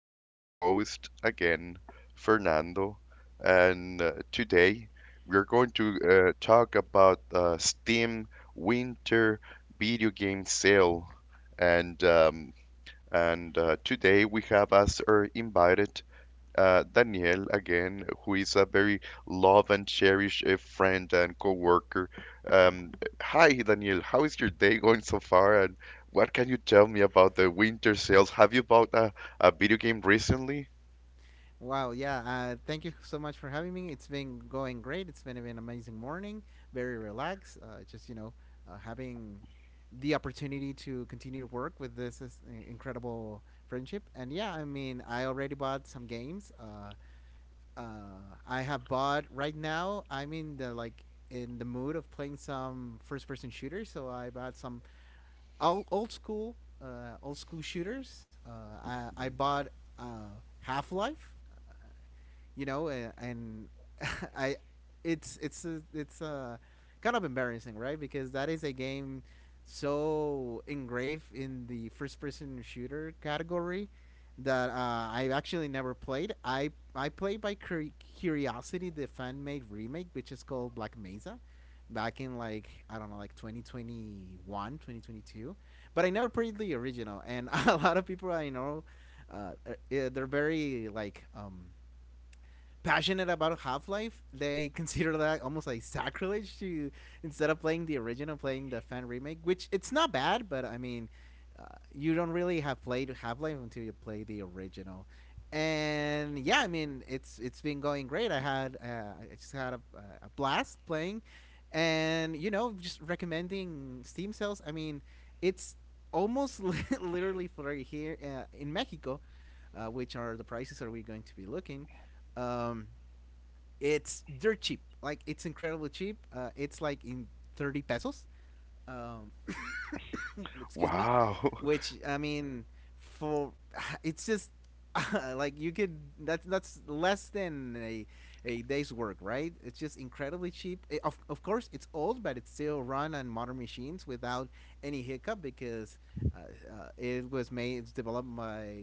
Your host again, Fernando, and today we're going to talk about Steam Winter Video Game Sale. And um, and today we have as our invited Daniel again, who is a very love and cherished friend and coworker. Um, Hi, Daniel. How is your day going so far? And what can you tell me about the winter sales? Have you bought a video game recently? Wow, yeah. Thank you so much for having me. It's been going great. It's been an amazing morning, very relaxed. Just, having the opportunity to continue to work with incredible friendship. And yeah, I mean, I already bought some games. I have bought right now, I'm in the like in the mood of playing some first person shooters. So I bought some old, old school shooters. I bought Half Life, and I, it's a kind of embarrassing, right? Because that is a game so engraved in the first-person shooter category that I actually never played. I played by curiosity the fan-made remake, which is called Black Mesa, back in like I don't know, like 2021, 2022. But I never played the original, and a lot of people I know, they're very like passionate about Half Life, they consider that almost like sacrilege to instead of playing the original, playing the fan remake, which it's not bad, but I mean, uh, you don't really have played Half Life until you play the original. And yeah, I mean, it's been going great. I had I just had a blast playing, and you know, just recommending Steam sales. I mean, it's literally for here in Mexico. Which are the prices are we going to be looking um, it's dirt cheap. Like it's incredibly cheap. It's like in 30 pesos um, excuse me, Wow. which I mean, for it's just like you could that's less than a day's work, right? It's just incredibly cheap. Of course, it's old, but it's still run on modern machines without any hiccup because uh, it was made it's developed by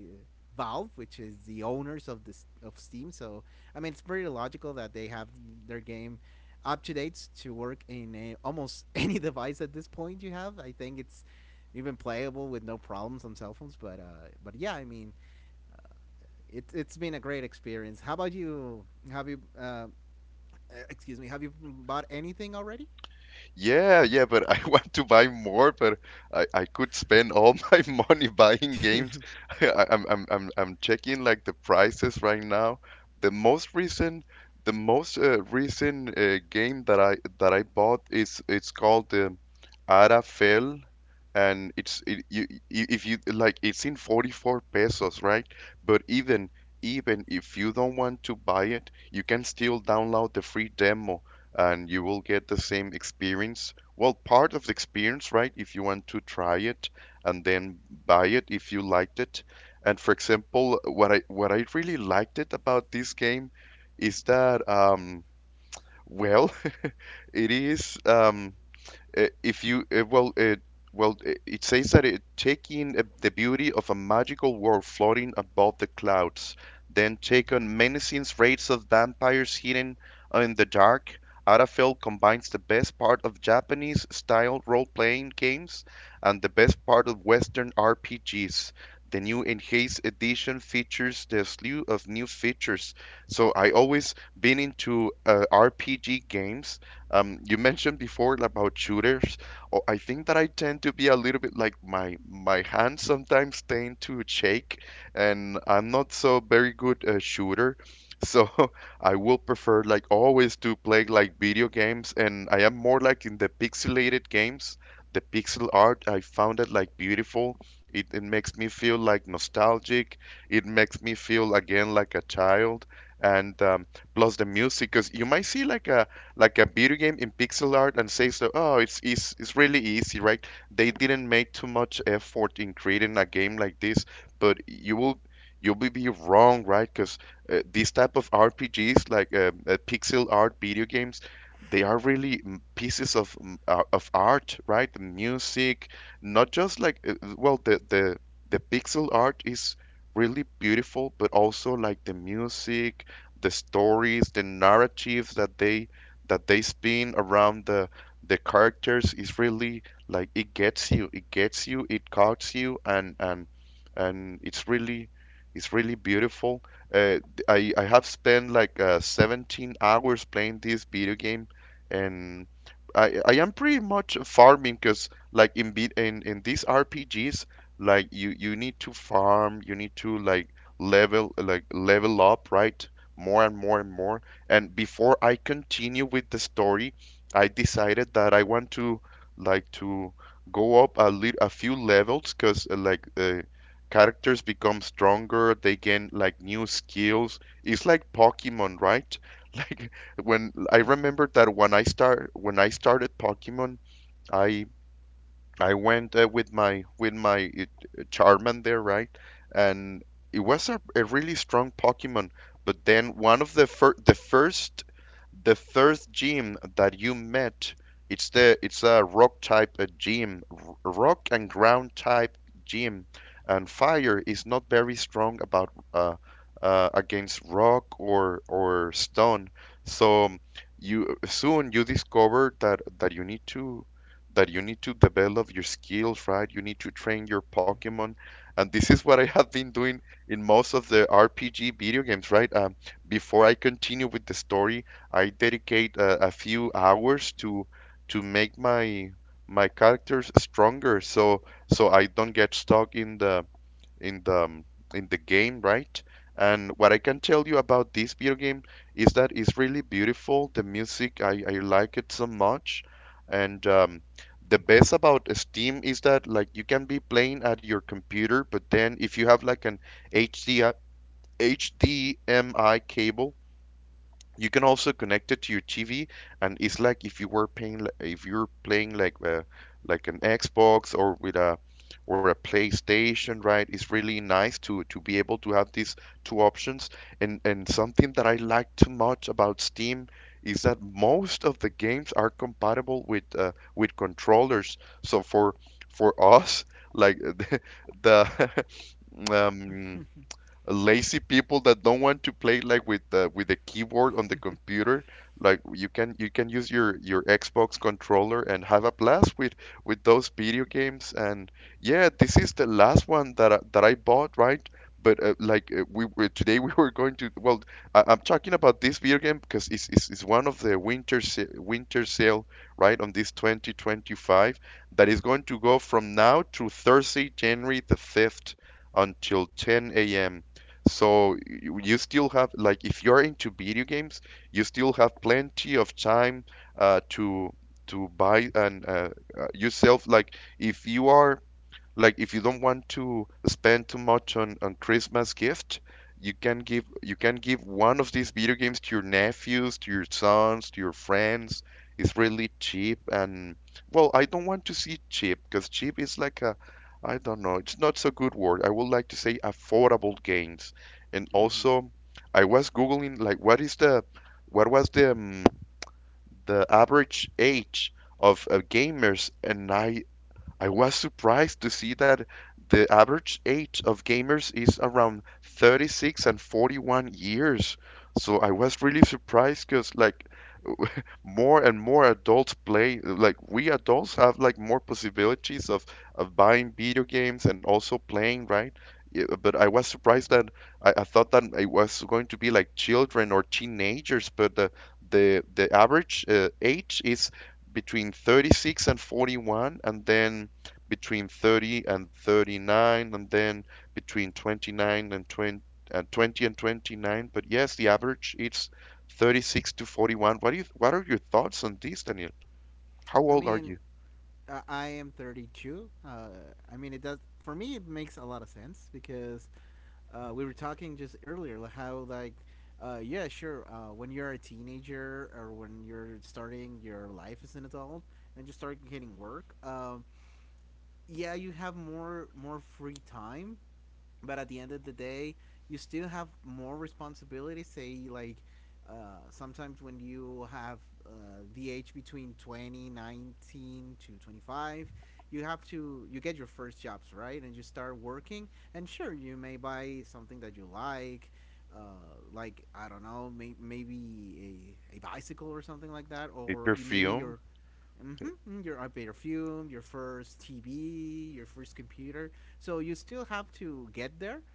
Valve, which is the owners of this of Steam. So I mean, it's pretty logical that they have their game up to date to work in a, almost any device at this point you have. I think it's even playable with no problems on cell phones. But yeah, I mean, uh, it's been a great experience. How about you? Have you excuse me? Have you bought anything already? Yeah, yeah, but I want to buy more, but I could spend all my money buying games. I, I'm checking like the prices right now. The most recent the most recent game that I bought is it's called Arafel, and it's it, you I- if you like, it's in 44 pesos, right? But even if you don't want to buy it, you can still download the free demo, and you will get the same experience. Well, part of the experience, right? If you want to try it and then buy it if you liked it. And for example, what I really liked it about this game is that well, it is if you it says that it take in the beauty of a magical world floating above the clouds, then take on menacing raids of vampires hidden in the dark. Arafel combines the best part of Japanese style role playing games and the best part of Western RPGs. The new enhanced edition features the slew of new features. So I always been into RPG games. You mentioned before about shooters. Oh, I think that I tend to be a little bit like my hands sometimes tend to shake, and I'm not so very good a shooter. So I will prefer, like, always to play like video games, and I am more like in the pixelated games. The pixel art, I found it like beautiful. It makes me feel like nostalgic. It makes me feel again like a child. And plus the music, because you might see like like a video game in pixel art and say so, oh, it's really easy, right? They didn't make too much effort in creating a game like this, but you'll be wrong, right? Because these type of RPGs, like pixel art video games, they are really pieces of art, right? The music, not just like well, the pixel art is really beautiful, but also like the music, the stories, the narratives that they spin around the characters is really, like, it gets you, it caught you, and it's really, beautiful. Uh, I have spent like 17 hours playing this video game, and I am pretty much farming because like in be in these RPGs, like you need to farm, you need to like level up, right? More and more and more. And before I continue with the story, I decided that I want to like to go up a lit a few levels because like characters become stronger, they gain like new skills. It's like Pokemon, right? Like when I hmm remember that when I started Pokemon, I I went with my Charman there, right? And it was a really strong Pokemon. But then one of the first gym that you met, it's a rock type gym, rock and ground type gym, and fire is not very strong about against rock or stone. So you soon you discover that that you need to that you need to develop your skills, right? You need to train your Pokemon. hmm And this is what I have been doing in most of the RPG video games, right? Before I continue with the story, I dedicate a few hours to make my characters stronger so I don't get stuck in the um, in the game, right? And what I can tell you about this video game is that it's really beautiful. The music, I like it so much. And the best about Steam is that like you can be playing at your computer, but then if you have like an H D uh, HDMI cable, you can also connect it to your TV, and it's like if you were paying, li- if you're playing like an Xbox or with a PlayStation, right? It's really nice to be able to have these two options. And something that I like too much about Steam is that most of the games are compatible with controllers. So for us, like the lazy people that don't want to play like with the keyboard on the computer. Like you can use your Xbox controller and have a blast with those video games. And yeah, this is the last one that that I bought, right? But like we were today we were going to well I'm talking about this video game because it's one of the winter winter sale, right, on this 2025 that is going to go from now to Thursday January the 5th until 10 a.m. So you still have, like, if you're into video games, you still have plenty of time to buy, and yourself, like if you are like if you don't want to spend too much on Christmas gift. You can give one of these video games to your nephews, to your sons, to your friends. It's really cheap, and well, I don't want to see cheap because cheap is like, a I don't know, it's not so good word. I would like to say affordable games. And hmm also I was Googling like what was the average age of gamers, and I was surprised to see that the average age of gamers is around 36 and 41 years. So I was really surprised because, like, more and more adults play, like we adults have like more possibilities of buying video games, and also playing, right? Yeah, but I was surprised that I thought that it was going to be like children or teenagers, but the average age is between 36 and 41, and then between 30 and 39, and then between 29 and 20, and 20 and 29, but yes the average it's 36 to 41. What do what are your thoughts on this, Daniel? How I old are mean, you? I am 32. I mean, it does for me. It makes a lot of sense because we were talking just earlier like, how like yeah sure when you're a teenager or when you're starting your life as an adult and just start getting work, yeah you have more free time, but at the end of the day you still have more responsibility say like sometimes when you have uh, the age between 20, 19 to 25, you have to you get your first jobs right and you start working, and sure you may buy something that you like, uh, like I don't know, maybe a bicycle or something like that, A or you maybe perfume? your Mm-hmm. Mm-hmm. Your elevator fume, your first TV, your first computer. So you still have to get there.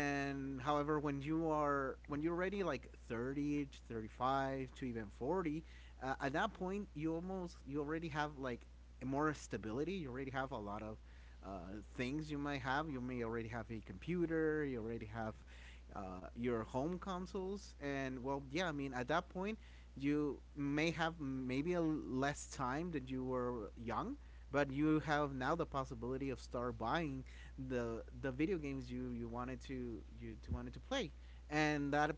And however, when you are when you're already like 30, to 35 to even 40, at that point you almost you already have like more stability. You already have a lot of things you might have. You may already have a computer. You already have your home consoles. And well, yeah, I mean, at that point you may have maybe a less time than you were young, but you have now the possibility of start buying the video games you you wanted to you to wanted to play, and that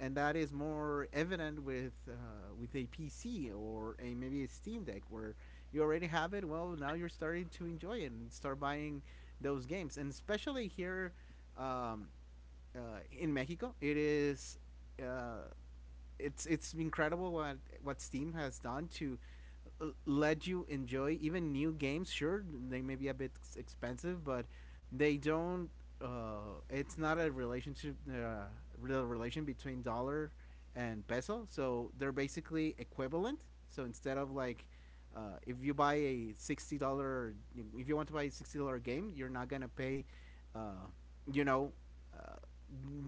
and that is more evident with a PC or a maybe a Steam Deck where you already have it, well now you're starting to enjoy it and start buying those games and especially here, um, in Mexico it is uh, it's incredible what Steam has done to let you enjoy even new games. Sure, they may be a bit expensive, but they don't. It's not a relationship, real relation between dollar and peso. So they're basically equivalent. So instead of like, if you buy a $60, if you want to buy a $60 game, you're not gonna pay, uh, you know, uh,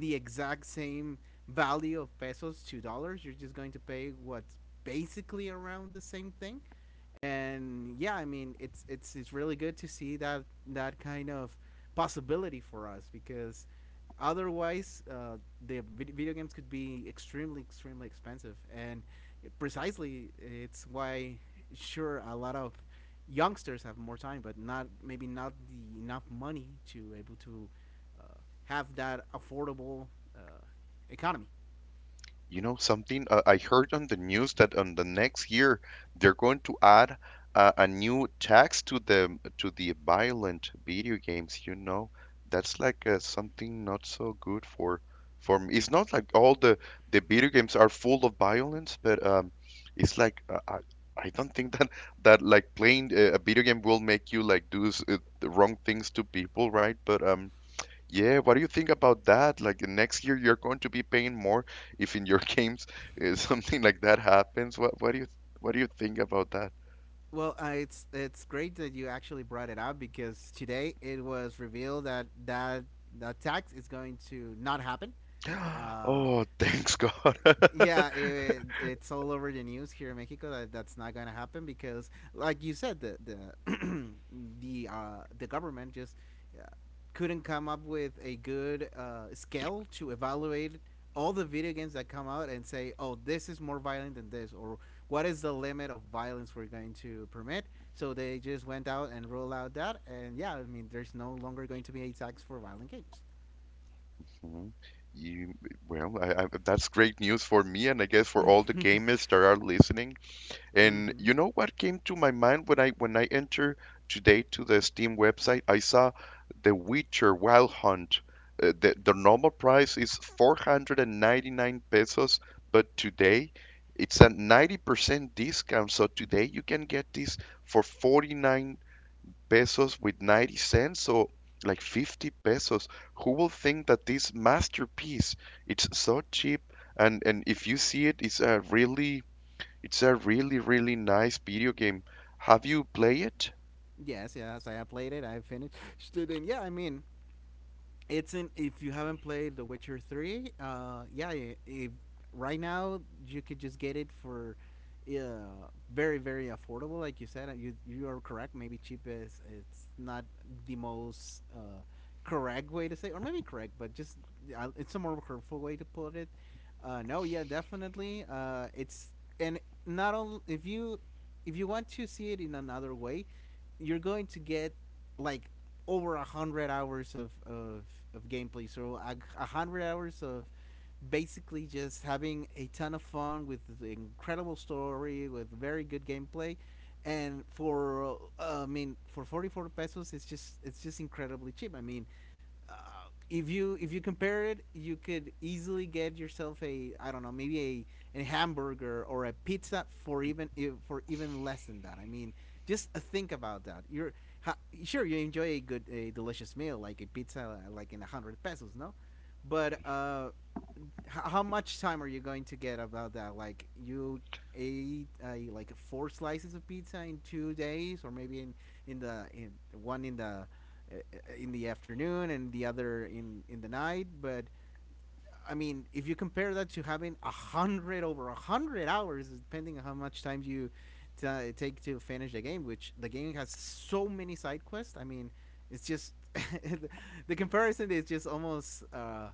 the exact same value of pesos to dollars. You're just going to pay what basically around the same thing. And yeah, I mean, it's really good to see that that kind of possibility for us, because otherwise the video games could be extremely extremely expensive, and precisely it's why sure a lot of youngsters have more time but not maybe not the enough money to able to uh, have that affordable uh, economy. You know something? I heard on the news that on the next year they're going to add a new tax to the violent video games. You know, that's like something not so good for me. It's not like all the video games are full of violence, but it's like I don't think that like playing a video game will make you like do the wrong things to people, right? But yeah, what do you think about that? Like the next year you're going to be paying more if in your games something like that happens. What do you, what do you think about that? Well, it's great that you actually brought it up, because today it was revealed that that tax is going to not happen. Uh, Oh, thanks God. yeah, it's all over the news here in Mexico that that's not going to happen because, like you said, the the government just uh, couldn't come up with a good scale to evaluate all the video games that come out and say, oh, this is more violent than this, or what is the limit of violence we're going to permit. So they just went out and rolled out that, and yeah, I mean, there's no longer going to be a tax for violent games. Mhm. You Well, that's great news for me, and I guess for all the gamers that are listening. And hmm you know what came to my mind when I entered today to the Steam website? I saw The Witcher Wild Hunt. The normal price is 499 pesos, but today it's a 90% discount. So today you can get this for 49 pesos with 90 cents, so like 50 pesos. Who will think that this masterpiece, it's so cheap? And if you see it, it's a really, really nice video game. Have you played it? Yes, yes, I have played it. I finished. Student, yeah, I mean, it's in. If you haven't played The Witcher Three, yeah, if right now you could just get it for, very very affordable. Like you said, you you are correct. Maybe cheap is it's not the most correct way to say, or maybe correct, but just it's a more hurtful way to put it. No, yeah, definitely. It's and not only if you want to see it in another way you're going to get like over a hundred hours of gameplay. So a hundred hours of basically just having a ton of fun with the incredible story with very good gameplay, and for I mean for 44 pesos it's just incredibly cheap, I mean, uh, if you compare it, you could easily get yourself a I don't know maybe a hamburger or a pizza for even less than that. I mean, just think about that. Ha, sure you enjoy a good a delicious meal like a pizza like in a hundred pesos, no? But how much time are you going to get about that? Like you ate like four slices of pizza in 2 days, or maybe in the in one uh, in the afternoon and the other in the night. But I mean, if you compare that to having a hundred over a hundred hours, depending on how much time you take to finish the game, which the game has so many side quests. I mean, it's just the comparison is just almost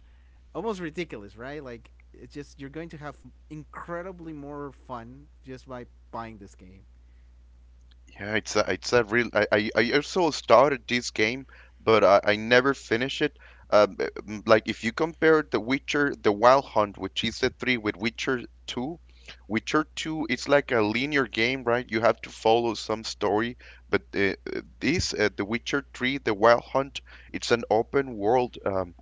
almost ridiculous, right? Like it's just you're going to have incredibly more fun just by buying this game. Yeah, it's a real. I also started this game, but I never finished it. Like if you compare The Witcher, The Wild Hunt, which is the three, with Witcher two it's like a linear game, right? You have to follow some story, but The Witcher three, The Wild Hunt, it's an open world. Um,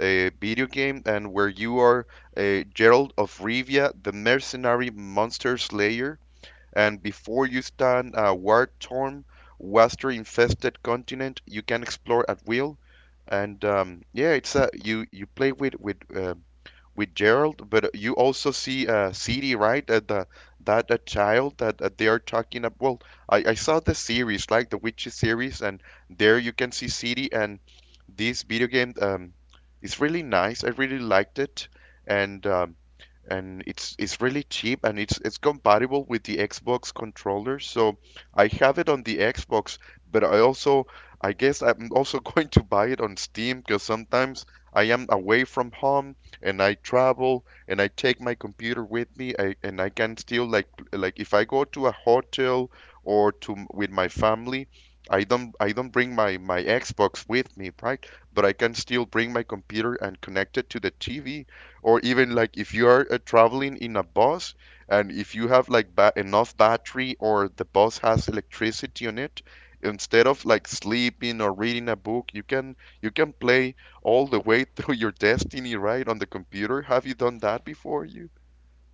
uh, Video game, and where you are Gerald of Rivia, the mercenary monster slayer. And before you stand a war torn, waster infested continent, you can explore at will. And it's a, you play with Gerald, but you also see City, right? The that child that they are talking about. Well, I saw the series, like the Witches series, and there you can see City, and this video game is really nice. I really liked it, and um, and it's really cheap, and it's compatible with the Xbox controller. So I have it on the Xbox, but I also I guess I'm also going to buy it on Steam because sometimes I am away from home and I travel and I take my computer with me, and I can still like if I go to a hotel or to with my family I don't bring my Xbox with me, right? But I can still bring my computer and connect it to the TV, or even like if you are traveling in a bus, and if you have like enough battery or the bus has electricity on it, instead of like sleeping or reading a book, you can play all the way through your destiny, right, on the computer. Have you done that before you?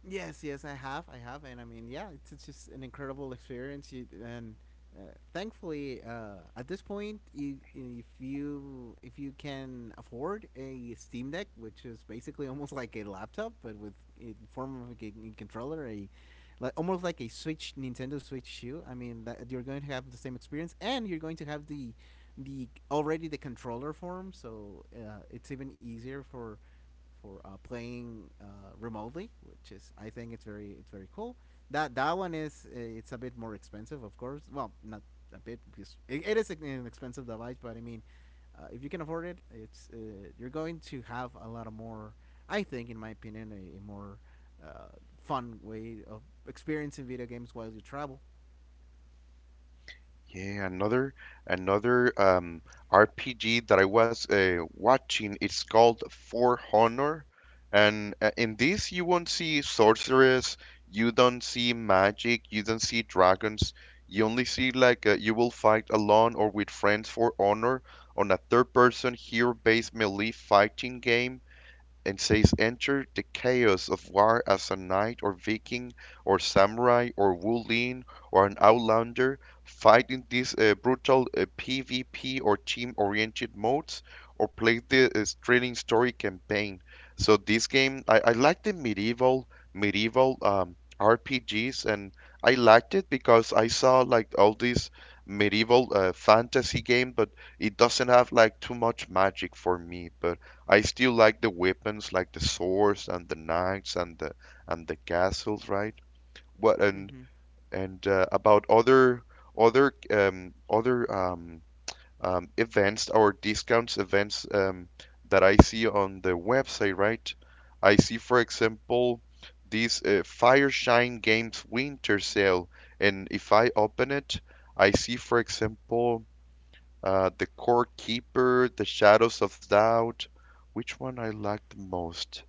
Yes, yes, I have, and I mean, yeah, it's just an incredible experience, you, and thankfully, at this point, you, if you if you can afford a Steam Deck, which is basically almost like a laptop but with in form of a controller, a like almost like a Switch Nintendo Switch shoe. I mean, that you're going to have the same experience, and you're going to have the already the controller form, so it's even easier for playing remotely, which is I think it's very cool. That one is it's a bit more expensive, of course. Well, not a bit because it is an expensive device, but I mean, if you can afford it, it's you're going to have a lot of more. I think, in my opinion, a more uh, fun way of experiencing video games while you travel. Yeah, another RPG that I was watching. It's called For Honor, and in this you won't see sorceress, you don't see magic, you don't see dragons. You only see like you will fight alone or with friends for honor on a third-person hero-based melee fighting game and says, enter the chaos of war as a knight or viking or samurai or woolin or an outlander, fight in these brutal PvP or team oriented modes, or play the thrilling story campaign. So, this game, I like the medieval RPGs, and I liked it because I saw like all these medieval fantasy game, but it doesn't have like too much magic for me. But I still like the weapons, like the swords and the knights and the castles, right? What and Mm-hmm. About other events or discounts events that I see on the website, right? I see, for example, this Fireshine Games Winter Sale, and if I open it, I see, for example, the Court Keeper, The Shadows of Doubt. Which one I like the most?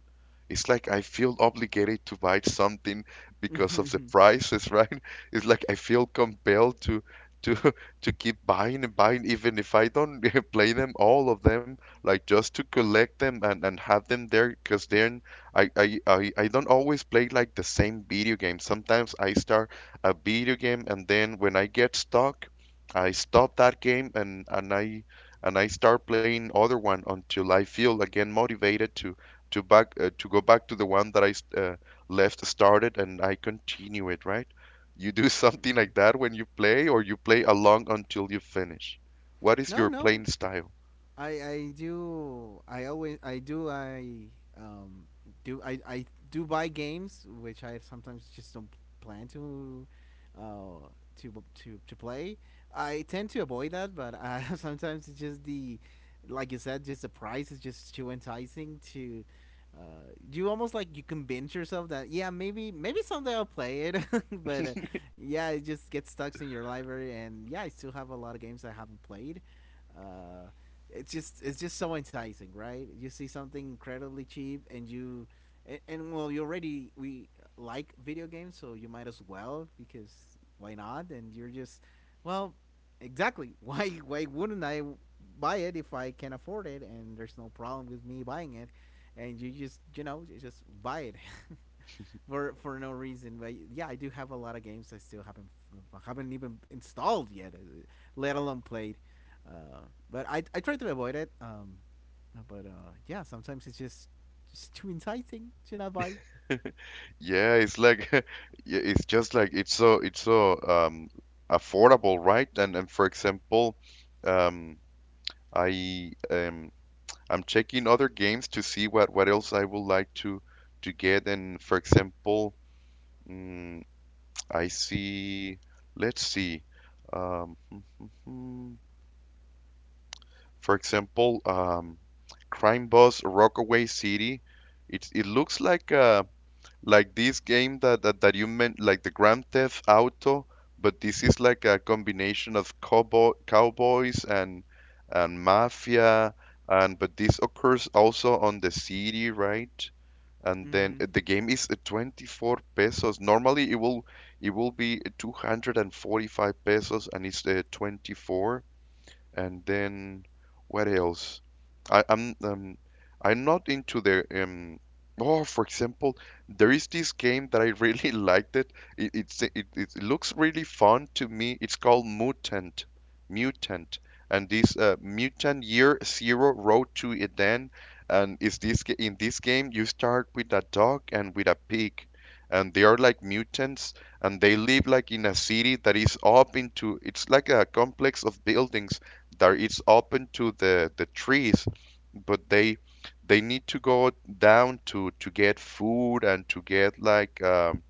It's like I feel obligated to buy something because of the Mm-hmm. prices, right? It's like I feel compelled to to to keep buying and buying even if I don't play them all of them, like just to collect them and have them there because then I don't always play like the same video game. Sometimes I start a video game and then when I get stuck, I stop that game and I start playing other one until I feel again motivated to back to go back to the one that I left started and I continue it, right? You do something like that when you play, or you play along until you finish. What is your No, playing no, style? I do I always I do I um do I do buy games which I sometimes just don't plan to uh to play. I tend to avoid that, but sometimes it's just the like you said, just the price is just too enticing to. You almost like you convince yourself that yeah, maybe someday I'll play it, but yeah, it just gets stuck in your library, and yeah, I still have a lot of games I haven't played. Uh, it's just so enticing, right? You see something incredibly cheap, and well, you already we like video games, so you might as well, because why not? And you're just, well, exactly. Why wouldn't I buy it if I can afford it and there's no problem with me buying it? And you just, you just buy it. For no reason. But yeah, I do have a lot of games I still haven't even installed yet, let alone played. Uh, but I try to avoid it. But yeah, sometimes it's just too enticing to not buy. Yeah, it's like yeah, it's just like it's so affordable, right? And, for example, um I um I'm checking other games to see what else I would like to get, and for example, mm, I see. Let's see. Um, for example, Crime Boss Rockaway City. It looks like like this game that that you meant, like the Grand Theft Auto, but this is like a combination of cowboys and mafia, and but this occurs also on the city, right? And then Mm-hmm. The game is 24 pesos. Normally it will be 245 pesos and it's 24. And then what else? I, I'm um, I'm not into the Oh, for example, there is this game that I really liked it. It it looks really fun to me. It's called Mutant, and this Mutant Year Zero Road to Eden. And in this game you start with a dog and with a pig, and they are like mutants, and they live like in a city that is up into. It's like a complex of buildings that it's open to the trees, but they need to go down to get food and to get like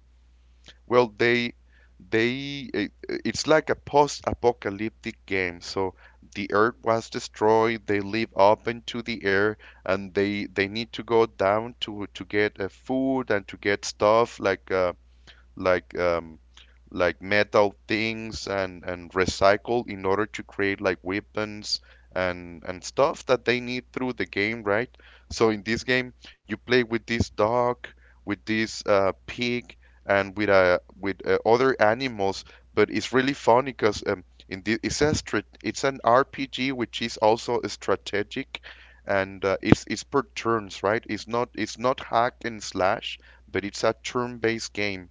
well they it, it's like a post-apocalyptic game, so the earth was destroyed, they live open to the air, and they need to go down to get food and to get stuff like like um, like metal things and recycle in order to create like weapons and stuff that they need through the game, right? So in this game, you play with this dog, with this pig, and with other animals. But it's really funny because in the, it's a strat it's an RPG which is also strategic, and it's per turns, right? It's not hack and slash, but it's a turn-based game,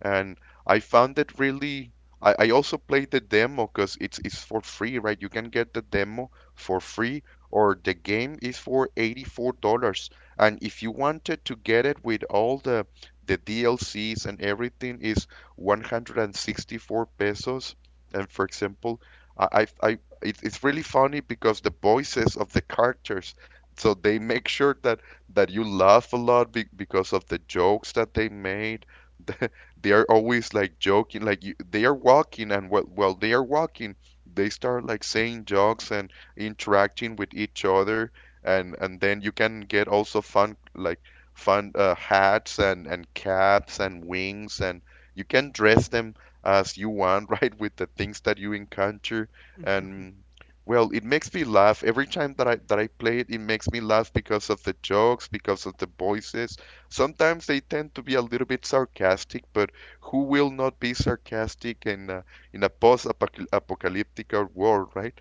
and I found it really. I also played the demo because it's for free, right? You can get the demo for free, or the game is for $84. And if you wanted to get it with all the DLCs and everything, is 164 pesos. And for example, I it's really funny because the voices of the characters, so they make sure that you laugh a lot because of the jokes that they made. They are always like joking, like you, they are walking, and while they are walking they start like saying jokes and interacting with each other, and then you can get also fun like fun hats and caps and wings, and you can dress them as you want right, with the things that you encounter, and well, it makes me laugh every time that I play it, it makes me laugh because of the jokes, because of the voices. Sometimes they tend to be a little bit sarcastic, but who will not be sarcastic in in a post-apocalyptic world, right?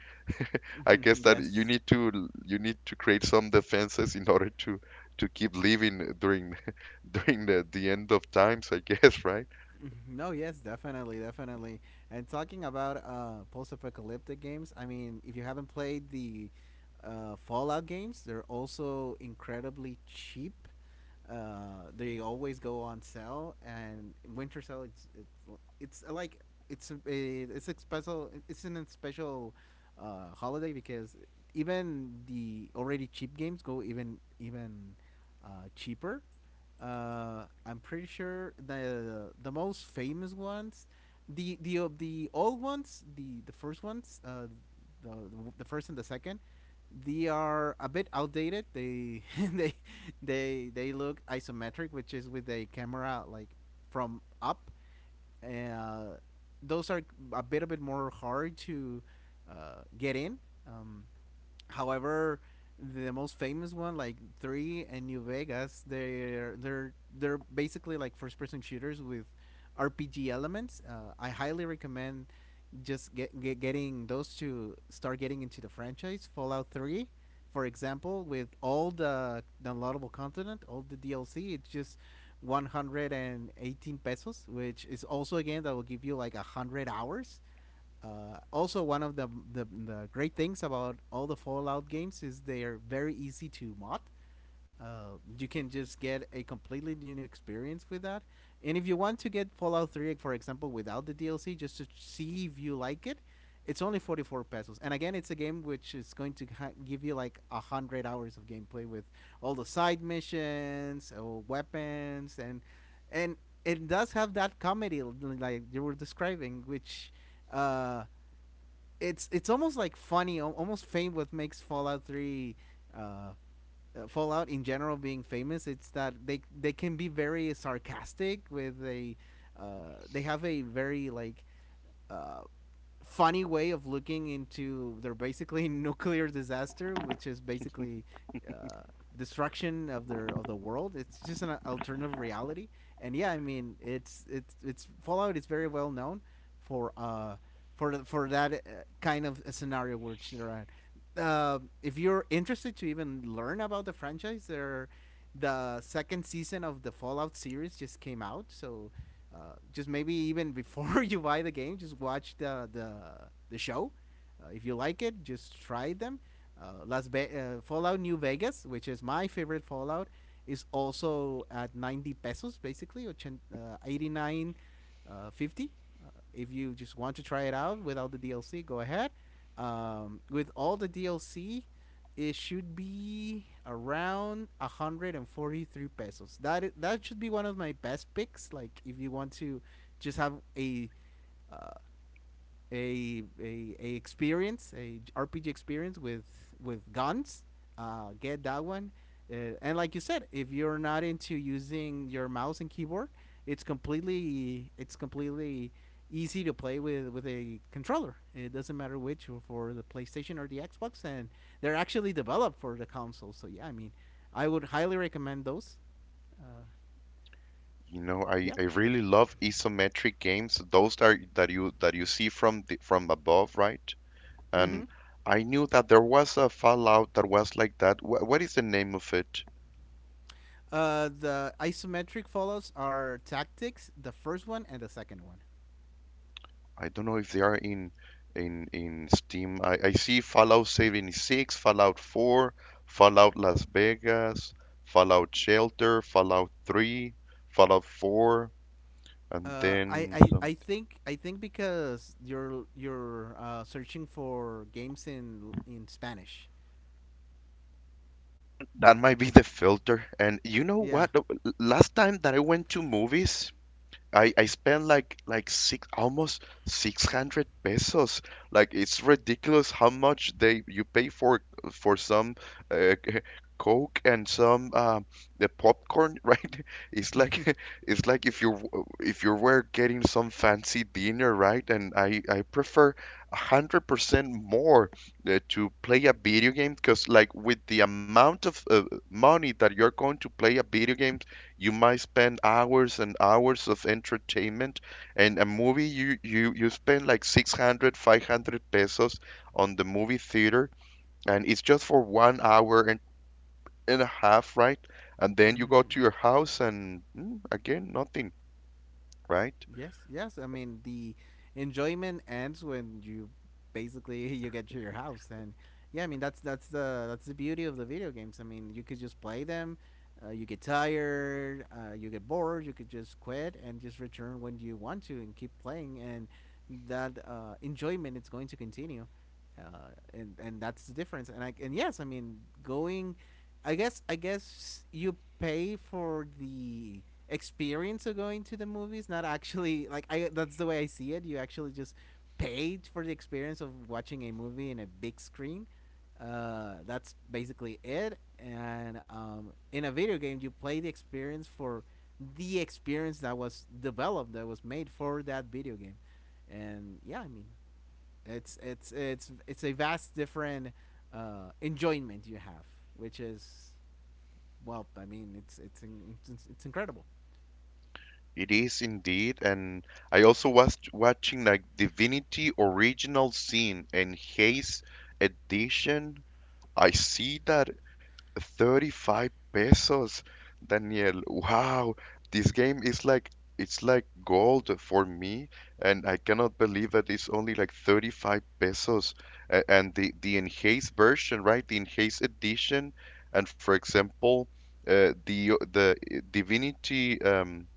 I guess that Yes. You need to create some defenses in order to keep living during during the end of times, I guess, right? Mhm. No, yes, definitely, definitely. And talking about post-apocalyptic games, I mean, if you haven't played the Fallout games, they're also incredibly cheap. They always go on sale, and Winter Sale, it's, l- it's like it's a special it's an a special holiday, because even the already cheap games go even cheaper. I'm pretty sure the most famous ones, the of the old ones, the first ones, the the first and the second, they are a bit outdated. They they they look isometric, which is with a camera like from up. Uh, those are a bit more hard to get in. Um, However, the most famous one, like Three and New Vegas, they're basically like first person shooters with RPG elements. I highly recommend just getting those to start getting into the franchise. Fallout Three, for example, with all the downloadable content, all the DLC, it's just 118 pesos, which is also again, that will give you like 100 hours. Also, one of the great things about all the Fallout games is they are very easy to mod. You can just get a completely new experience with that. And if you want to get Fallout 3, for example, without the DLC, just to see if you like it, it's only 44 pesos. And again, it's a game which is going to give you like 100 hours of gameplay with all the side missions, or weapons, and it does have that comedy like you were describing, which uh, it's almost like funny, almost fame. What makes Fallout Three, uh, Fallout in general being famous, it's that they can be very sarcastic with a, they have a very like uh, funny way of looking into their basically nuclear disaster, which is basically uh, destruction of the world. It's just an alternative reality, and yeah, I mean, it's Fallout is very well known for that kind of a scenario which they're at. If you're interested to even learn about the franchise, there, the second season of the Fallout series just came out. So just maybe even before you buy the game, just watch the show. If you like it, just try them. Fallout New Vegas, which is my favorite Fallout, is also at 90 pesos basically, or 89 50. If you just want to try it out without the DLC, go ahead. With all the DLC, it should be around 143 pesos. That is, that should be one of my best picks. Like if you want to just have a uh, a experience, RPG experience with guns. Get that one. And like you said, if you're not into using your mouse and keyboard, it's completely easy to play with a controller. It doesn't matter which, for the PlayStation or the Xbox, and they're actually developed for the console. So yeah, I mean, I would highly recommend those. Uh, You know, yeah. I really love isometric games. Those are that you see from from above, right? Mm-hmm. And I knew that there was a Fallout that was like that. Wh What is the name of it? The isometric follows are tactics, the first one and the second one. I don't know if they are in Steam. I see Fallout 76, Fallout 4, Fallout Las Vegas, Fallout Shelter, Fallout 3, Fallout 4, and Uh, I, then I, some. I think I think because you're searching for games in Spanish. That might be the filter. And you know Yeah. what? Last time that I went to movies, I spent like six, almost 600 pesos. Like it's ridiculous how much they you pay for some uh, Coke and some the popcorn, right? It's like it's like if if you were getting some fancy dinner, right? And I prefer 100% more to play a video game, because like with the amount of money that you're going to play a video game, you might spend hours and hours of entertainment, and a movie you spend like 600, 500 pesos on the movie theater, and it's just for 1 hour and a half, right? And then you go Mm-hmm. to your house and again nothing, right? Yes, yes. I mean, the enjoyment ends when you basically you get to your house, and yeah, I mean, that's the beauty of the video games. I mean, you could just play them. You get tired, you get bored, you could just quit and just return when you want to, and keep playing, and that enjoyment is going to continue. And that's the difference. And I, and yes, I mean, going I guess you pay for the experience of going to the movies, not actually, like, I, that's the way I see it. You actually just pay for the experience of watching a movie in a big screen. That's basically it. And in a video game, you play the experience for the experience that was developed, that was made for that video game. And yeah, I mean, it's a vast different enjoyment you have, which is, well, I mean, it's incredible. It is indeed, and I also was watching like Divinity Original Sin and Haze Edition. I see that 35 pesos, Daniel. Wow, this game is like it's like gold for me, and I cannot believe that it's only like 35 pesos. And the enhanced version, right? The enhanced edition, and for example, the Divinity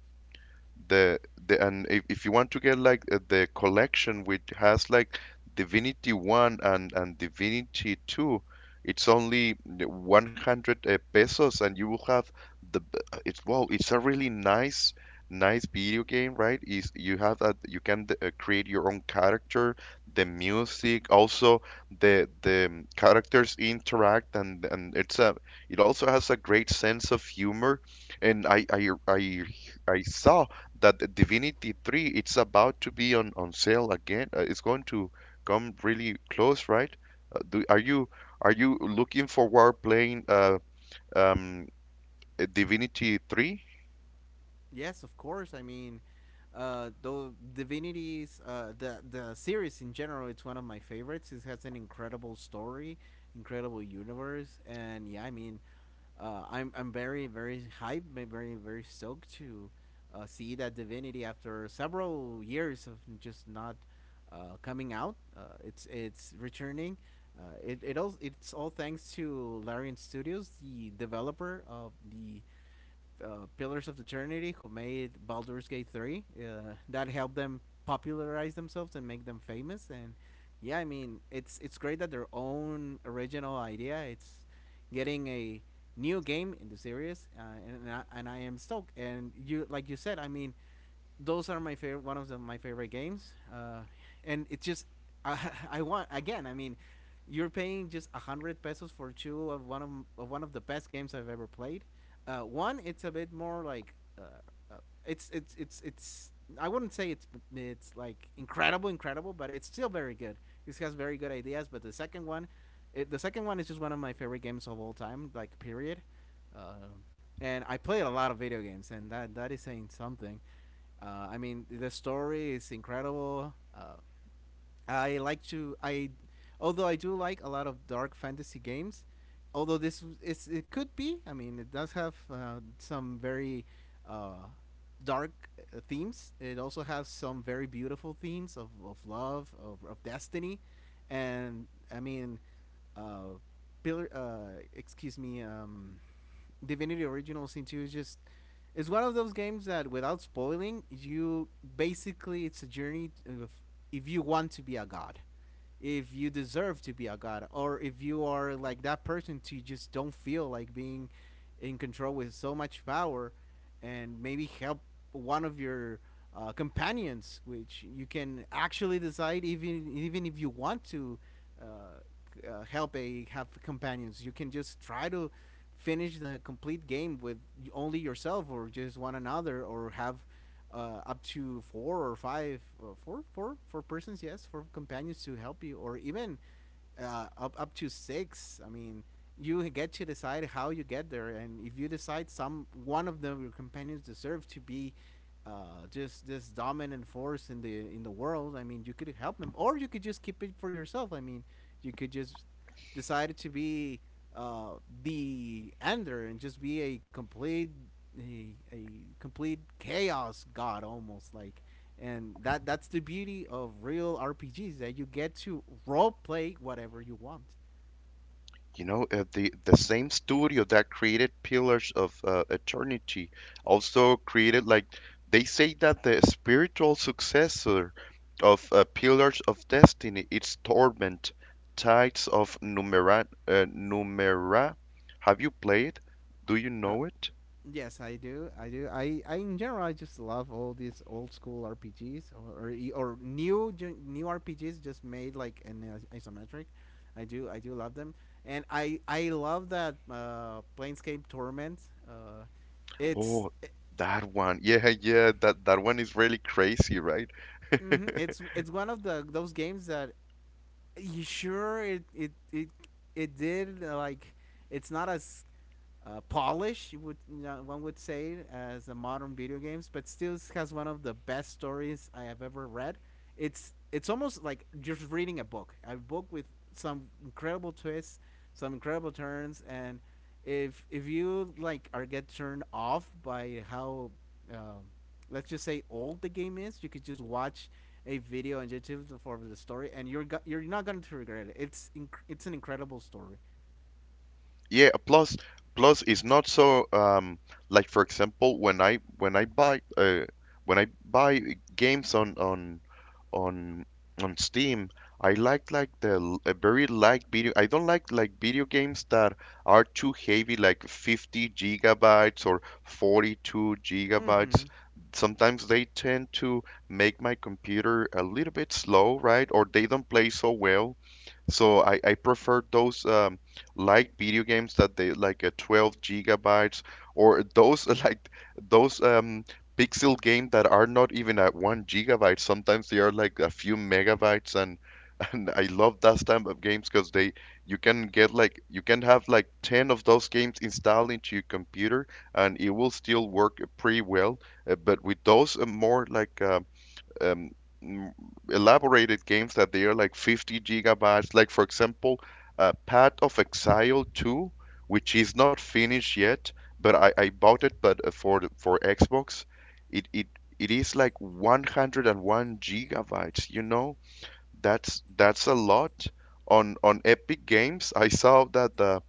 the the and if you want to get like the collection which has like Divinity 1 and Divinity 2, it's only 100 pesos, and you will have it's wow, it's a really nice video game, right? Is you have that you can create your own character, the music also, the characters interact, and it's a, it also has a great sense of humor. And I saw that the Divinity 3, it's about to be on sale again. It's going to come really close, right? Are you looking forward playing um, Divinity 3? Yes, of course. I mean, though divinities, the series in general, it's one of my favorites. It has an incredible story, incredible universe, and yeah, I mean, I'm very very hyped, very very stoked to see that Divinity after several years of just not coming out. It's returning. It's all thanks to Larian Studios, the developer of the Pillars of Eternity, who made Baldur's Gate 3. That helped them popularize themselves and make them famous. And yeah, I mean, it's great that their own original idea, it's getting a new game in the series, and I am stoked. And you, like you said, I mean, those are my favorite, one of the, my favorite games. And it's just, I, I want again. I mean, you're paying just 100 pesos for two of one of the best games I've ever played. One, it's a bit more like, uh, it's. I wouldn't say it's like incredible, incredible, but it's still very good. It has very good ideas. But the second one, the second one is just one of my favorite games of all time, like period. Uh, and I played a lot of video games, and that is saying something. I mean, the story is incredible. I like to I although I do like a lot of dark fantasy games, although this is it could be. I mean, it does have some very uh, dark themes. It also has some very beautiful themes of love, of destiny, and I mean, uh, pillar. Excuse me. Divinity Original Sin 2 is just, it's one of those games that, without spoiling, you basically it's a journey of if you want to be a god, if you deserve to be a god, or if you are like that person to just don't feel like being in control with so much power, and maybe help one of your companions, which you can actually decide, even even if you want to uh, help a have companions. You can just try to finish the complete game with only yourself, or just one another, or have up to four or five, four persons, yes, four companions to help you, or even up up to six. I mean, you get to decide how you get there, and if you decide some one of them, your companions deserve to be just this dominant force in the world. I mean, you could help him, or you could just keep it for yourself. I mean, you could just decide to be uh, the Ender, and just be a complete a complete chaos god, almost like, and that that's the beauty of real RPGs, that you get to role play whatever you want. The same studio that created Pillars of Eternity also created, like, they say that the spiritual successor of Pillars of Destiny it's Torment, Tides of Numera, Numera. Have you played? Do you know Uh, it? Yes, I do. I do. I in general I just love all these old school RPGs or, or new new RPGs just made like an isometric. I do love them, and I love that Planescape Torment. Uh, it's Oh, it, that one. Yeah, yeah, that one is really crazy, right? mhm, it's one of the those games that you sure it did, like, it's not as polish, you would, you know, one would say, as the modern video games, but still has one of the best stories I have ever read. It's almost like just reading a book with some incredible twists, some incredible turns, and if you like are get turned off by how um, let's just say old the game is, you could just watch a video on YouTube for the story, and you're not going to regret it. It's an incredible story. Yeah, plus plus it's not so like for example when I buy games on on Steam. I like the a very light video. I don't like video games that are too heavy, like 50 gigabytes or 42 Mm-hmm. gigabytes. Sometimes they tend to make my computer a little bit slow, right? Or they don't play so well. So I prefer those light video games that they like 12 gigabytes or those like those pixel game that are not even at 1 gigabyte. Sometimes they are like a few megabytes, and and I love that type of games because they, you can get like, you can have like 10 of those games installed into your computer, and it will still work pretty well. But with those more like um, elaborated games that they are like 50 gigabytes. Like for example, Path of Exile 2, which is not finished yet, but I bought it, but for for Xbox, it it is like 101 gigabytes. You know, that's a lot on Epic Games. I saw that the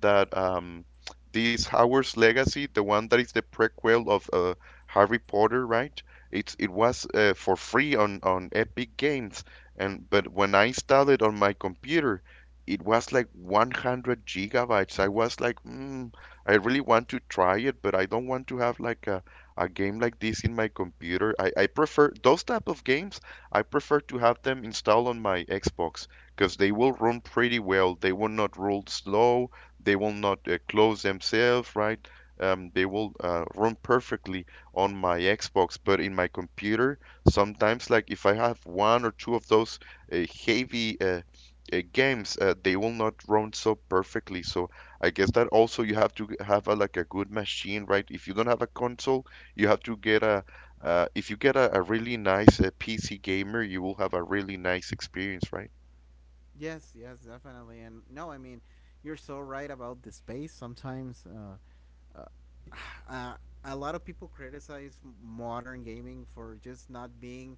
that this Howard's Legacy, the one that is the prequel of Harry Potter, right? It was for free on Epic Games, and but when I installed it on my computer, it was like 100 gigabytes. I was like, mm, I really want to try it, but I don't want to have like a game like this in my computer. I prefer those type of games. I prefer to have them installed on my Xbox because they will run pretty well. They will not roll slow. They will not close themselves, right? They will run perfectly on my Xbox, but in my computer, sometimes, like if I have one or two of those uh, heavy games, they will not run so perfectly. So I guess that also you have to have a, like a good machine, right? If you don't have a console, you have to get a if you get a really nice PC gamer, you will have a really nice experience, right? Yes, yes, definitely. And no, I mean, you're so right about the space. Sometimes uh, a lot of people criticize modern gaming for just not being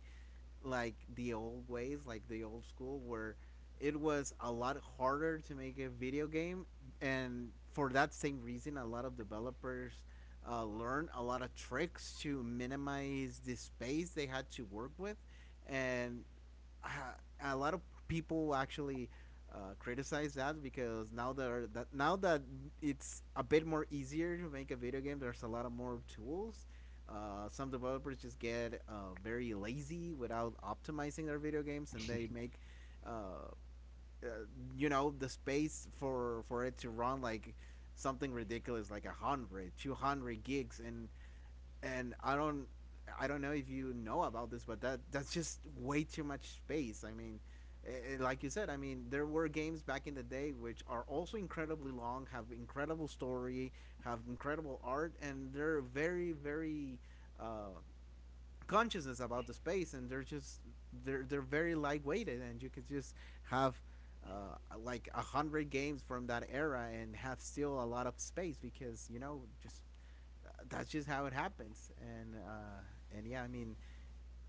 like the old ways, like the old school, where it was a lot harder to make a video game. And for that same reason, a lot of developers learn a lot of tricks to minimize the space they had to work with. And a lot of people actually criticize that because now that it's a bit more easier to make a video game, there's a lot of more tools. Some developers just get very lazy without optimizing their video games, and they make uh, uh, you know the space for it to run like something ridiculous like a hundred, 200 gigs, and and I don't I don't know if you know about this, but that's just way too much space. I mean, eh, like you said, I mean there were games back in the day which are also incredibly long, have incredible story, have incredible art, and they're very very uh, consciousness about the space, and they're very lightweighted, and you could just have. Uh, like a hundred games from that era and have still a lot of space because you know just that's just how it happens. And yeah, I mean,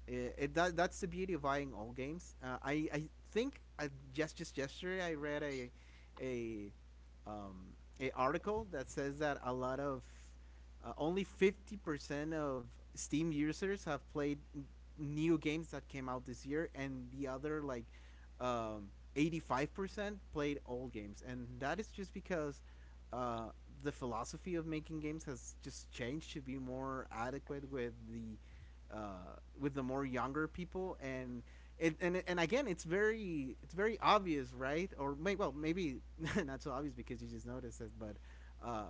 that's the beauty of buying all games. I think I just yesterday I read a a um, a article that says that a lot of only 50% of Steam users have played new games that came out this year, and the other like um, 85% played old games, and that is just because. Uh, the philosophy of making games has just changed to be more adequate with the more younger people, and and again it's very obvious, right? Or well, maybe not so obvious because you just noticed it. But uh,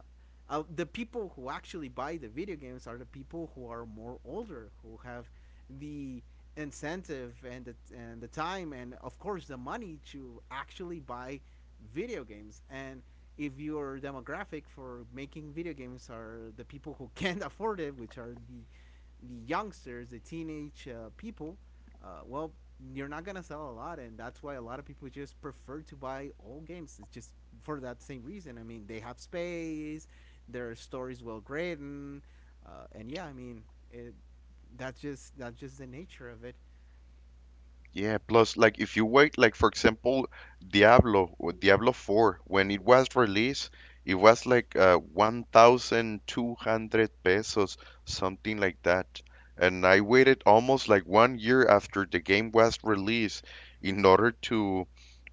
the people who actually buy the video games are the people who are more older, who have the incentive and and the time, and of course the money to actually buy video games. And if your demographic for making video games are the people who can't afford it, which are the youngsters, the teenage people, well, you're not gonna sell a lot, and that's why a lot of people just prefer to buy old games. It's just for that same reason. I mean, they have space, their stories well written, and yeah, I mean, it, that's just the nature of it. Yeah, plus like if you wait, like for example, Diablo or Diablo 4, when it was released, it was like 1,200 pesos, something like that. And I waited almost like 1 year after the game was released in order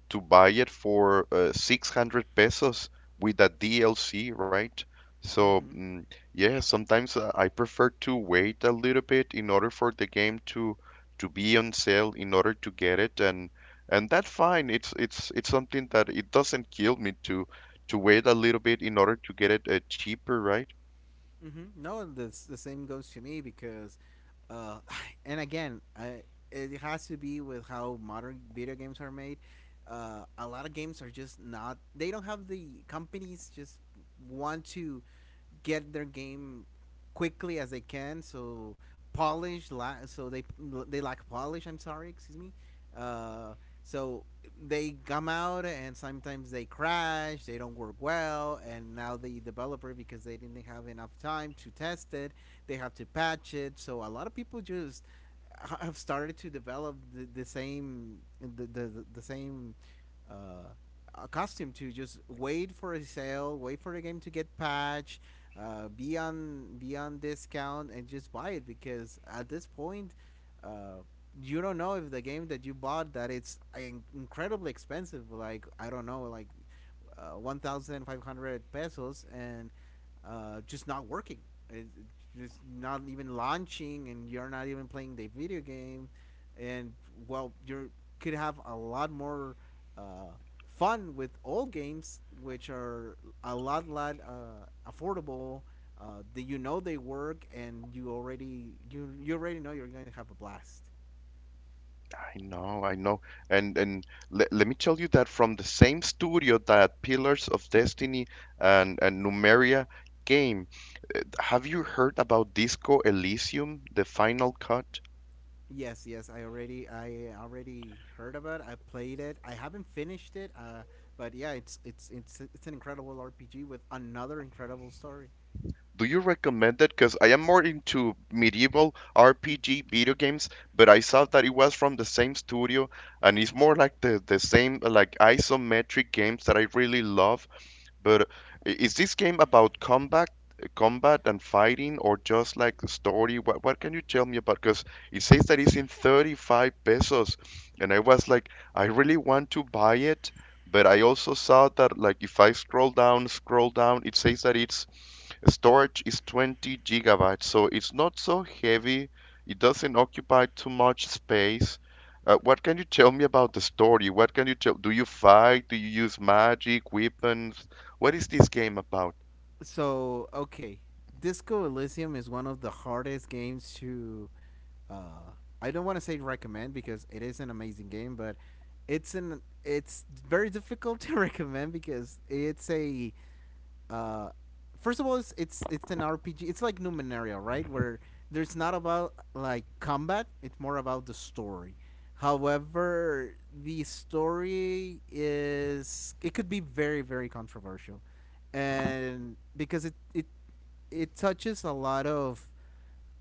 to buy it for 600 pesos with a DLC, right? So, Hmm. mm, yeah, sometimes I prefer to wait a little bit in order for the game to be on sale in order to get it, and that's fine. It's something that it doesn't kill me to wait a little bit in order to get it cheaper, right? Hmm. No, this the same goes to me because, uh, and again, it has to be with how modern video games are made. A lot of games are just not. They don't have the companies just want to get their game quickly as they can. So so they lack polish. I'm sorry, excuse me. Uh, so they come out and sometimes they crash. They don't work well, and now the developer, because they didn't have enough time to test it, they have to patch it. So a lot of people just have started to develop the same. Uh, Accustomed to just wait for a sale, wait for the game to get patched, be on discount, and just buy it because at this point, uh, you don't know if the game that you bought that it's incredibly expensive. Like I don't know, like 1,500 pesos, and just not working. It's just not even launching, and you're not even playing the video game, and well, you could have a lot more uh, fun with old games, which are a lot lot affordable. That you know they work, and you already know you're going to have a blast. I know, I know. And le let me tell you that from the same studio that Pillars of Destiny and Numeria came. Have you heard about Disco Elysium, the final cut? Yes, yes, I already heard about. It. I played it. I haven't finished it. But yeah, it's it's an incredible RPG with another incredible story. Do you recommend it? Because I am more into medieval RPG video games, but I saw that it was from the same studio, and it's more like the same like isometric games that I really love. But is this game about combat, combat and fighting, or just like the story? What can you tell me about? Because it says that it's in 35 pesos, and I was like, I really want to buy it, but I also saw that, like, if I scroll down, it says that its storage is 20 gigabytes, so it's not so heavy. It doesn't occupy too much space. What can you tell me about the story? What can you tell? Do you fight? Do you use magic, weapons? What is this game about? Okay, Disco Elysium is one of the hardest games to. Uh, I don't want to say recommend because it is an amazing game, but it's very difficult to recommend because it's a uh, first of all, it's it's an RPG. It's like Numenaria, right? Where there's not about like combat. It's more about the story. However, the story is it could be very very controversial, and because it it touches a lot of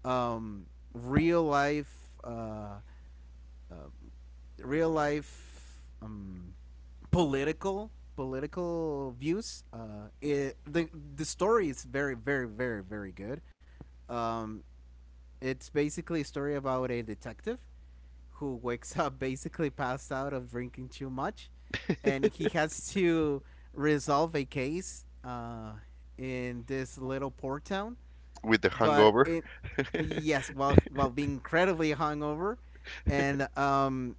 um, real life uh, uh, real life political views. It The story is very very good. Um, it's basically a story about a detective who wakes up basically passed out of drinking too much, and he has to resolve a case in this little port town. With the But hangover? it Yes, while being incredibly hungover, and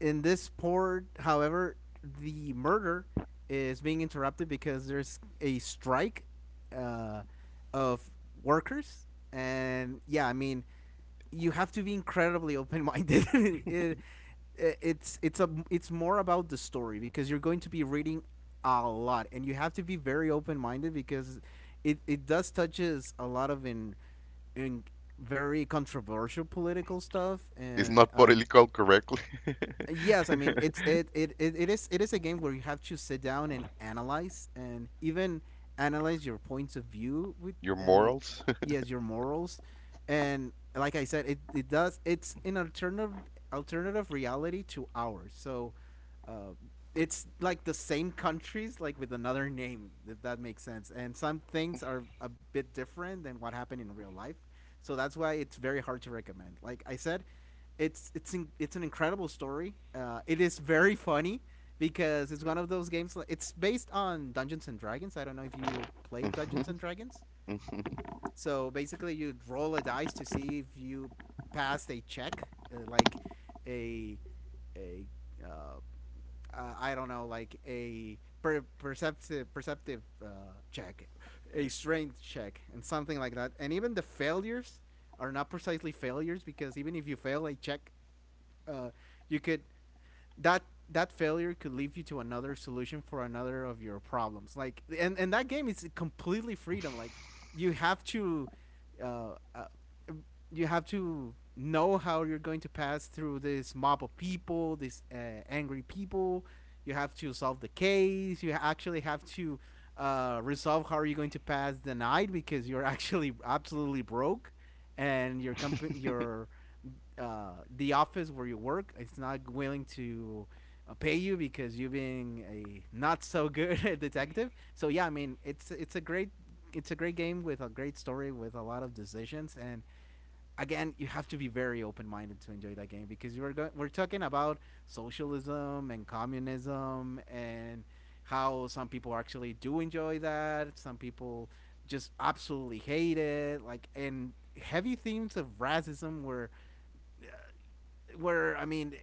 in this port, however, the murder is being interrupted because there's a strike uh, of workers, and yeah, I mean, you have to be incredibly open-minded. it, it's a it's more about the story because you're going to be reading a lot, and you have to be very open-minded because it does touches a lot of in very controversial political stuff. It's And not political correctly. yes, I mean it it is a game where you have to sit down and analyze, and even analyze your points of view with Your uh, morals? yes, your morals. And like I said, it does, it's an alternative reality to ours. So uh, it's like the same countries, like with another name, if that makes sense. And some things are a bit different than what happened in real life, so that's why it's very hard to recommend. Like I said, it's an incredible story. It is very funny because it's one of those games. It's based on Dungeons and Dragons. I don't know if you played Dungeons and Dragons. So basically, you roll a dice to see if you passed a check, like a a uh, I don't know, like a perceptive check, a strength check, and something like that. And even the failures are not precisely failures, because even if you fail a check, uh, you could that that failure could lead you to another solution for another of your problems. Like, and that game is completely freedom. You have to. Uh, uh, you have to know how you're going to pass through this mob of people, these angry people. You have to solve the case. You actually have to resolve how are you going to pass the night, because you're actually absolutely broke, and your company, your the office where you work, it's not willing to pay you because you've been a not so good detective. So yeah, I mean, it's a great game with a great story with a lot of decisions. And again, you have to be very open minded to enjoy that game because we're talking about socialism and communism, and how some people actually do enjoy that. Some people just absolutely hate it. Like, and heavy themes of racism, were where I mean,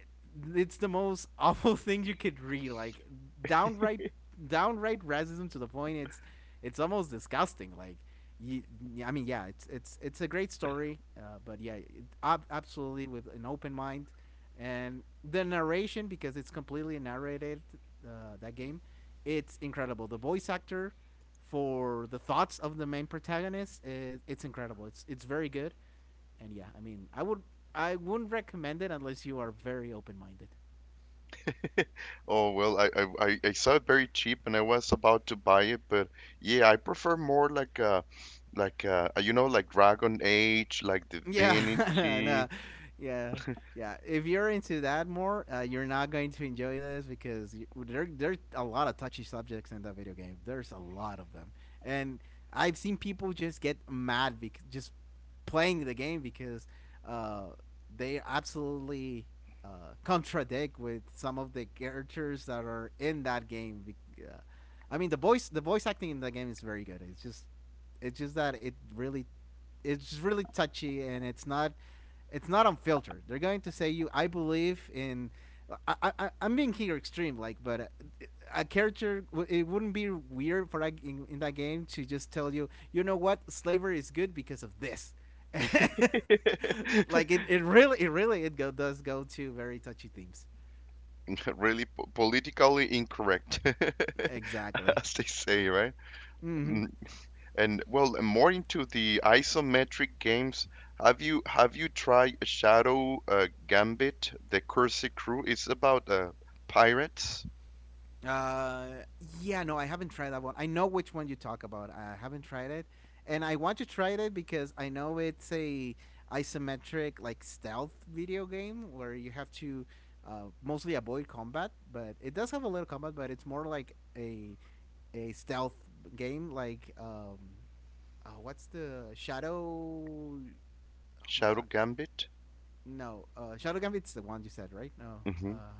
it's the most awful thing you could read. Like downright, downright racism to the point it's almost disgusting. Like, you, I mean, yeah, it's it's a great story, but yeah, absolutely with an open mind, and the narration, because it's completely narrated. That game, it's incredible. The voice actor for the thoughts of the main protagonist, it's incredible. It's very good. And yeah, I mean, I wouldn't recommend it unless you are very open minded. Oh well, I saw it very cheap and I was about to buy it, but yeah, I prefer more like you know, like Dragon Age, like Yeah, Divinity. no, yeah, yeah. If you're into that more, you're not going to enjoy this because y there's a lot of touchy subjects in that video game. There's a lot of them, and I've seen people just get mad because just playing the game, because uh, they absolutely contradict with some of the characters that are in that game. I mean, the voice acting in that game is very good. It's just that it really it's really touchy, and it's not unfiltered. They're going to say you I believe in I I'm being here extreme like but a character it wouldn't be weird for in that game to just tell you, you know what, slavery is good because of this. Like it really does go to very touchy themes. Really po politically incorrect, Exactly. as they say, right? Mhm. And well, and more into the isometric games. Have you tried Shadow Gambit? The Cursed Crew. It's about pirates. Uh, yeah, no, I haven't tried that one. I know which one you talk about. I haven't tried it, and I want to try it because I know it's a isometric like stealth video game where you have to mostly avoid combat, but it does have a little combat, but it's more like a stealth game. What's the Shadow? Oh my god, Shadow Gambit. no, Shadow Gambit's the one you said, right? No, Hmm. uh,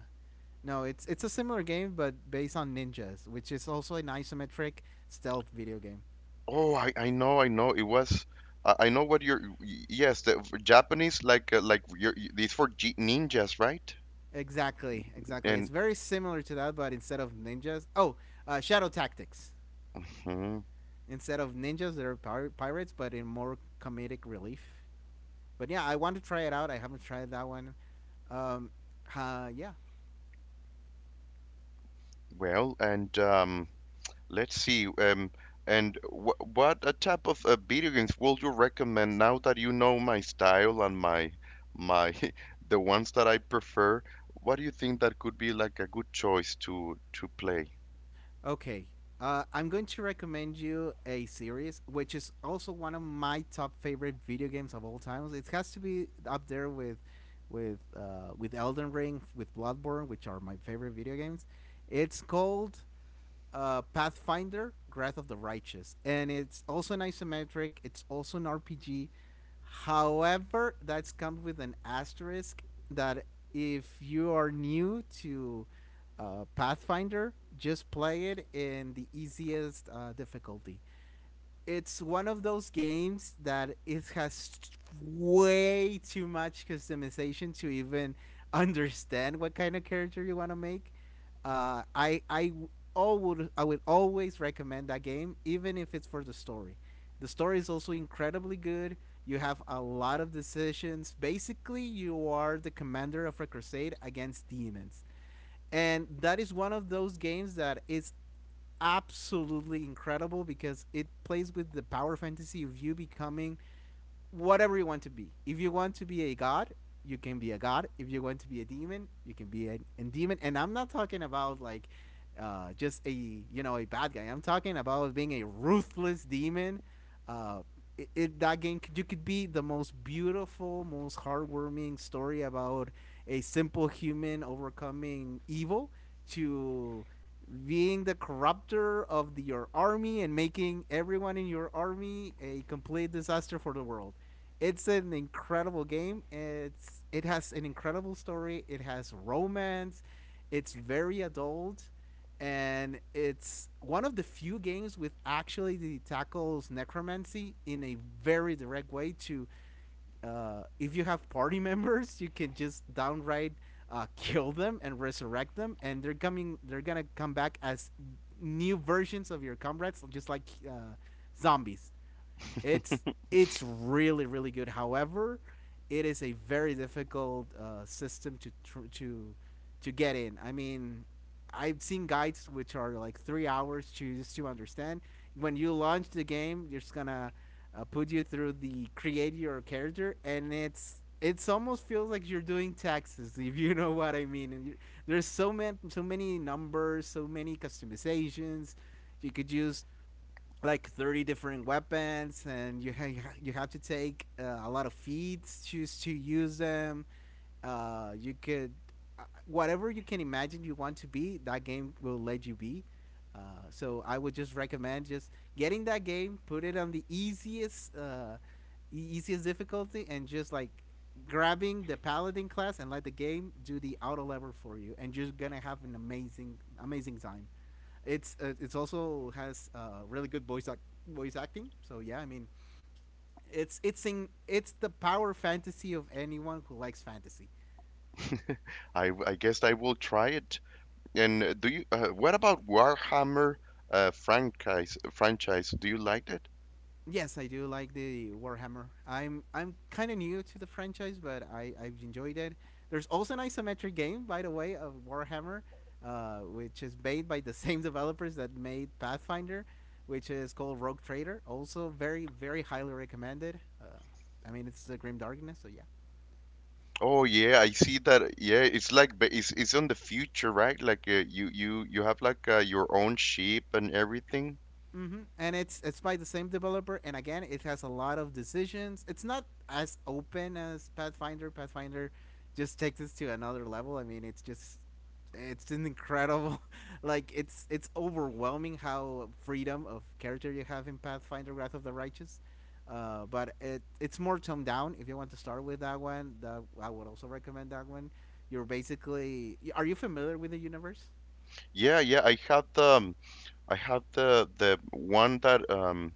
no, it's a similar game but based on ninjas, which is also an isometric stealth video game. Oh, I know, I know. It was. I know what you're. Yes, the Japanese like you're, it's for G ninjas, right? Exactly, exactly. It's And very similar to that, but instead of ninjas, Shadow Tactics. mhm. Instead of ninjas, they're pirates, but in more comedic relief. But yeah, I want to try it out. I haven't tried that one. Um, uh, yeah, Well, and Let's see. And wh what type of video games would you recommend now that you know my style and my the ones that I prefer? What do you think that could be like a good choice to play? Okay. I'm going to recommend you a series, which is also one of my top favorite video games of all times. It has to be up there with Elden Ring, with Bloodborne, which are my favorite video games. It's called Pathfinder: Wrath of the Righteous, and it's also an isometric. It's also an RPG. However, that's come with an asterisk that if you are new to Pathfinder, just play it in the easiest difficulty. It's one of those games that it has way too much customization to even understand what kind of character you want to make. Uh, I I I would always recommend that game, even if it's for the story. The story is also incredibly good. You have a lot of decisions. Basically, you are the commander of a crusade against demons. And that is one of those games that is absolutely incredible because it plays with the power fantasy of you becoming whatever you want to be. If you want to be a god, you can be a god. If you want to be a demon, you can be a demon. And I'm not talking about like just a, you know, a bad guy. I'm talking about being a ruthless demon. Uh, in that game, you could be the most beautiful, most heartwarming story about a simple human overcoming evil to being the corrupter of your army and making everyone in your army a complete disaster for the world. It's an incredible game. It has an incredible story. It has romance. It's very adult, and it's one of the few games with actually the tackles necromancy in a very direct way. To If you have party members, you can just downright kill them and resurrect them, and they're coming. They're gonna come back as new versions of your comrades, just like zombies. It's it's really really good. However, it is a very difficult system to tr- to get in. I mean, I've seen guides which are like 3 hours to just to understand. When you launch the game, you're just gonna put you through the create your character, and it's almost feels like you're doing taxes if you know what I mean. There's so many numbers, so many customizations. You could use like 30 different weapons and you have to take a lot of feats just to use them. You could Whatever you can imagine you want to be, that game will let you be. uh, so I would just recommend just getting that game, put it on the easiest easiest difficulty and just like grabbing the paladin class and let the game do the auto level for you, and you're gonna have an amazing time. It's also has really good voice acting. So yeah, I mean, it's the power fantasy of anyone who likes fantasy. I guess I will try it. And do you what about Warhammer franchise? Do you like it? Yes, I do like the Warhammer. I'm kind of new to the franchise, but I've enjoyed it. There's also an isometric game, by the way, of Warhammer, which is made by the same developers that made Pathfinder, which is called Rogue Trader. Also, very very highly recommended. I mean, it's the Grim Darkness, so yeah. Oh yeah, I see that. Yeah, it's like it's on the future, right? Like you you have like your own ship and everything. Mm-hmm. And it's by the same developer, and again, it has a lot of decisions. It's not as open as Pathfinder. Pathfinder just takes this to another level. I mean, it's just it's an incredible, like it's overwhelming how freedom of character you have in Pathfinder: Wrath of the Righteous. But it's more toned down. If you want to start with that one, that I would also recommend that one. You're basically, are you familiar with the universe? Yeah, yeah, I had the one that um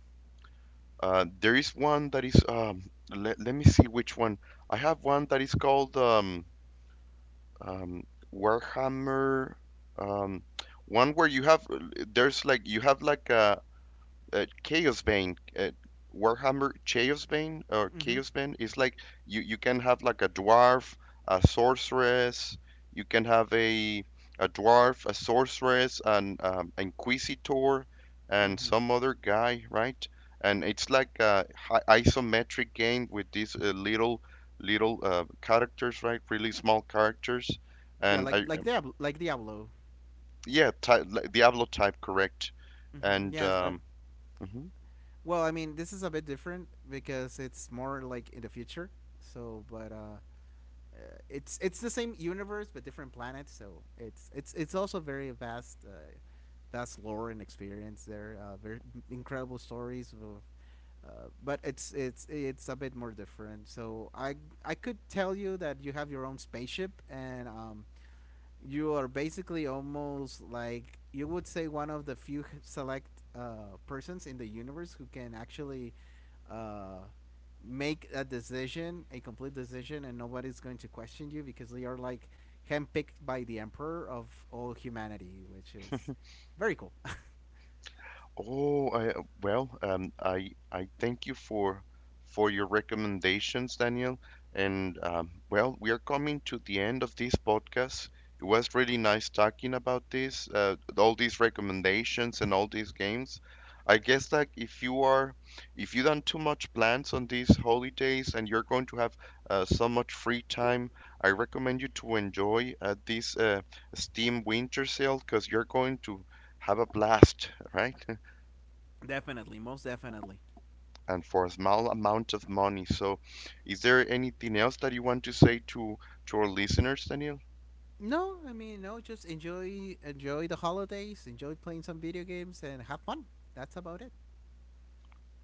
uh there is one that is let, let me see which one. I have one that is called um Warhammer um one where you have, there's like you have like a Chaosbane, Warhammer Chaosbane, or Mm-hmm. Chaosbane is like, you can have like a dwarf, a sorceress, you can have a dwarf, a sorceress, an inquisitor, and Mm-hmm. some other guy, right? And it's like a isometric game with these little little characters, right? Really small characters, Yeah, and I, like Diablo, like Diablo. yeah, like Diablo type, correct? And Yes. Mhm. Well, I mean, this is a bit different because it's more like in the future. So, but uh, it's the same universe but different planets. So it's also very vast, vast lore and experience there. Incredible stories of. But it's a bit more different. So I could tell you that you have your own spaceship and you are basically almost like you would say one of the few select persons in the universe who can actually uh, make a decision, a complete decision, and nobody's going to question you because they are like handpicked by the emperor of all humanity, which is very cool. Oh, I, well, I thank you for your recommendations, Daniel. And well, we are coming to the end of this podcast. It was really nice talking about this, all these recommendations and all these games. I guess like if you are, if you don't too much plans on these holidays and you're going to have so much free time, I recommend you to enjoy this Steam Winter Sale because you're going to have a blast, right? Definitely, most definitely. And for a small amount of money. So, is there anything else that you want to say to our listeners, Daniel? No, I mean, no. Just enjoy, enjoy the holidays, enjoy playing some video games, and have fun. That's about it.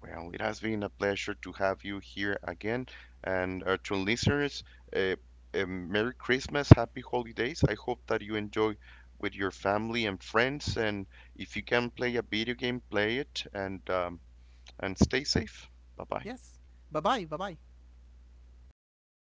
Well, it has been a pleasure to have you here again, and to listeners, uh, a Merry Christmas, Happy Holidays. I hope that you enjoy with your family and friends, and if you can play a video game, play it, and stay safe. Bye bye. Yes. Bye bye. Bye bye.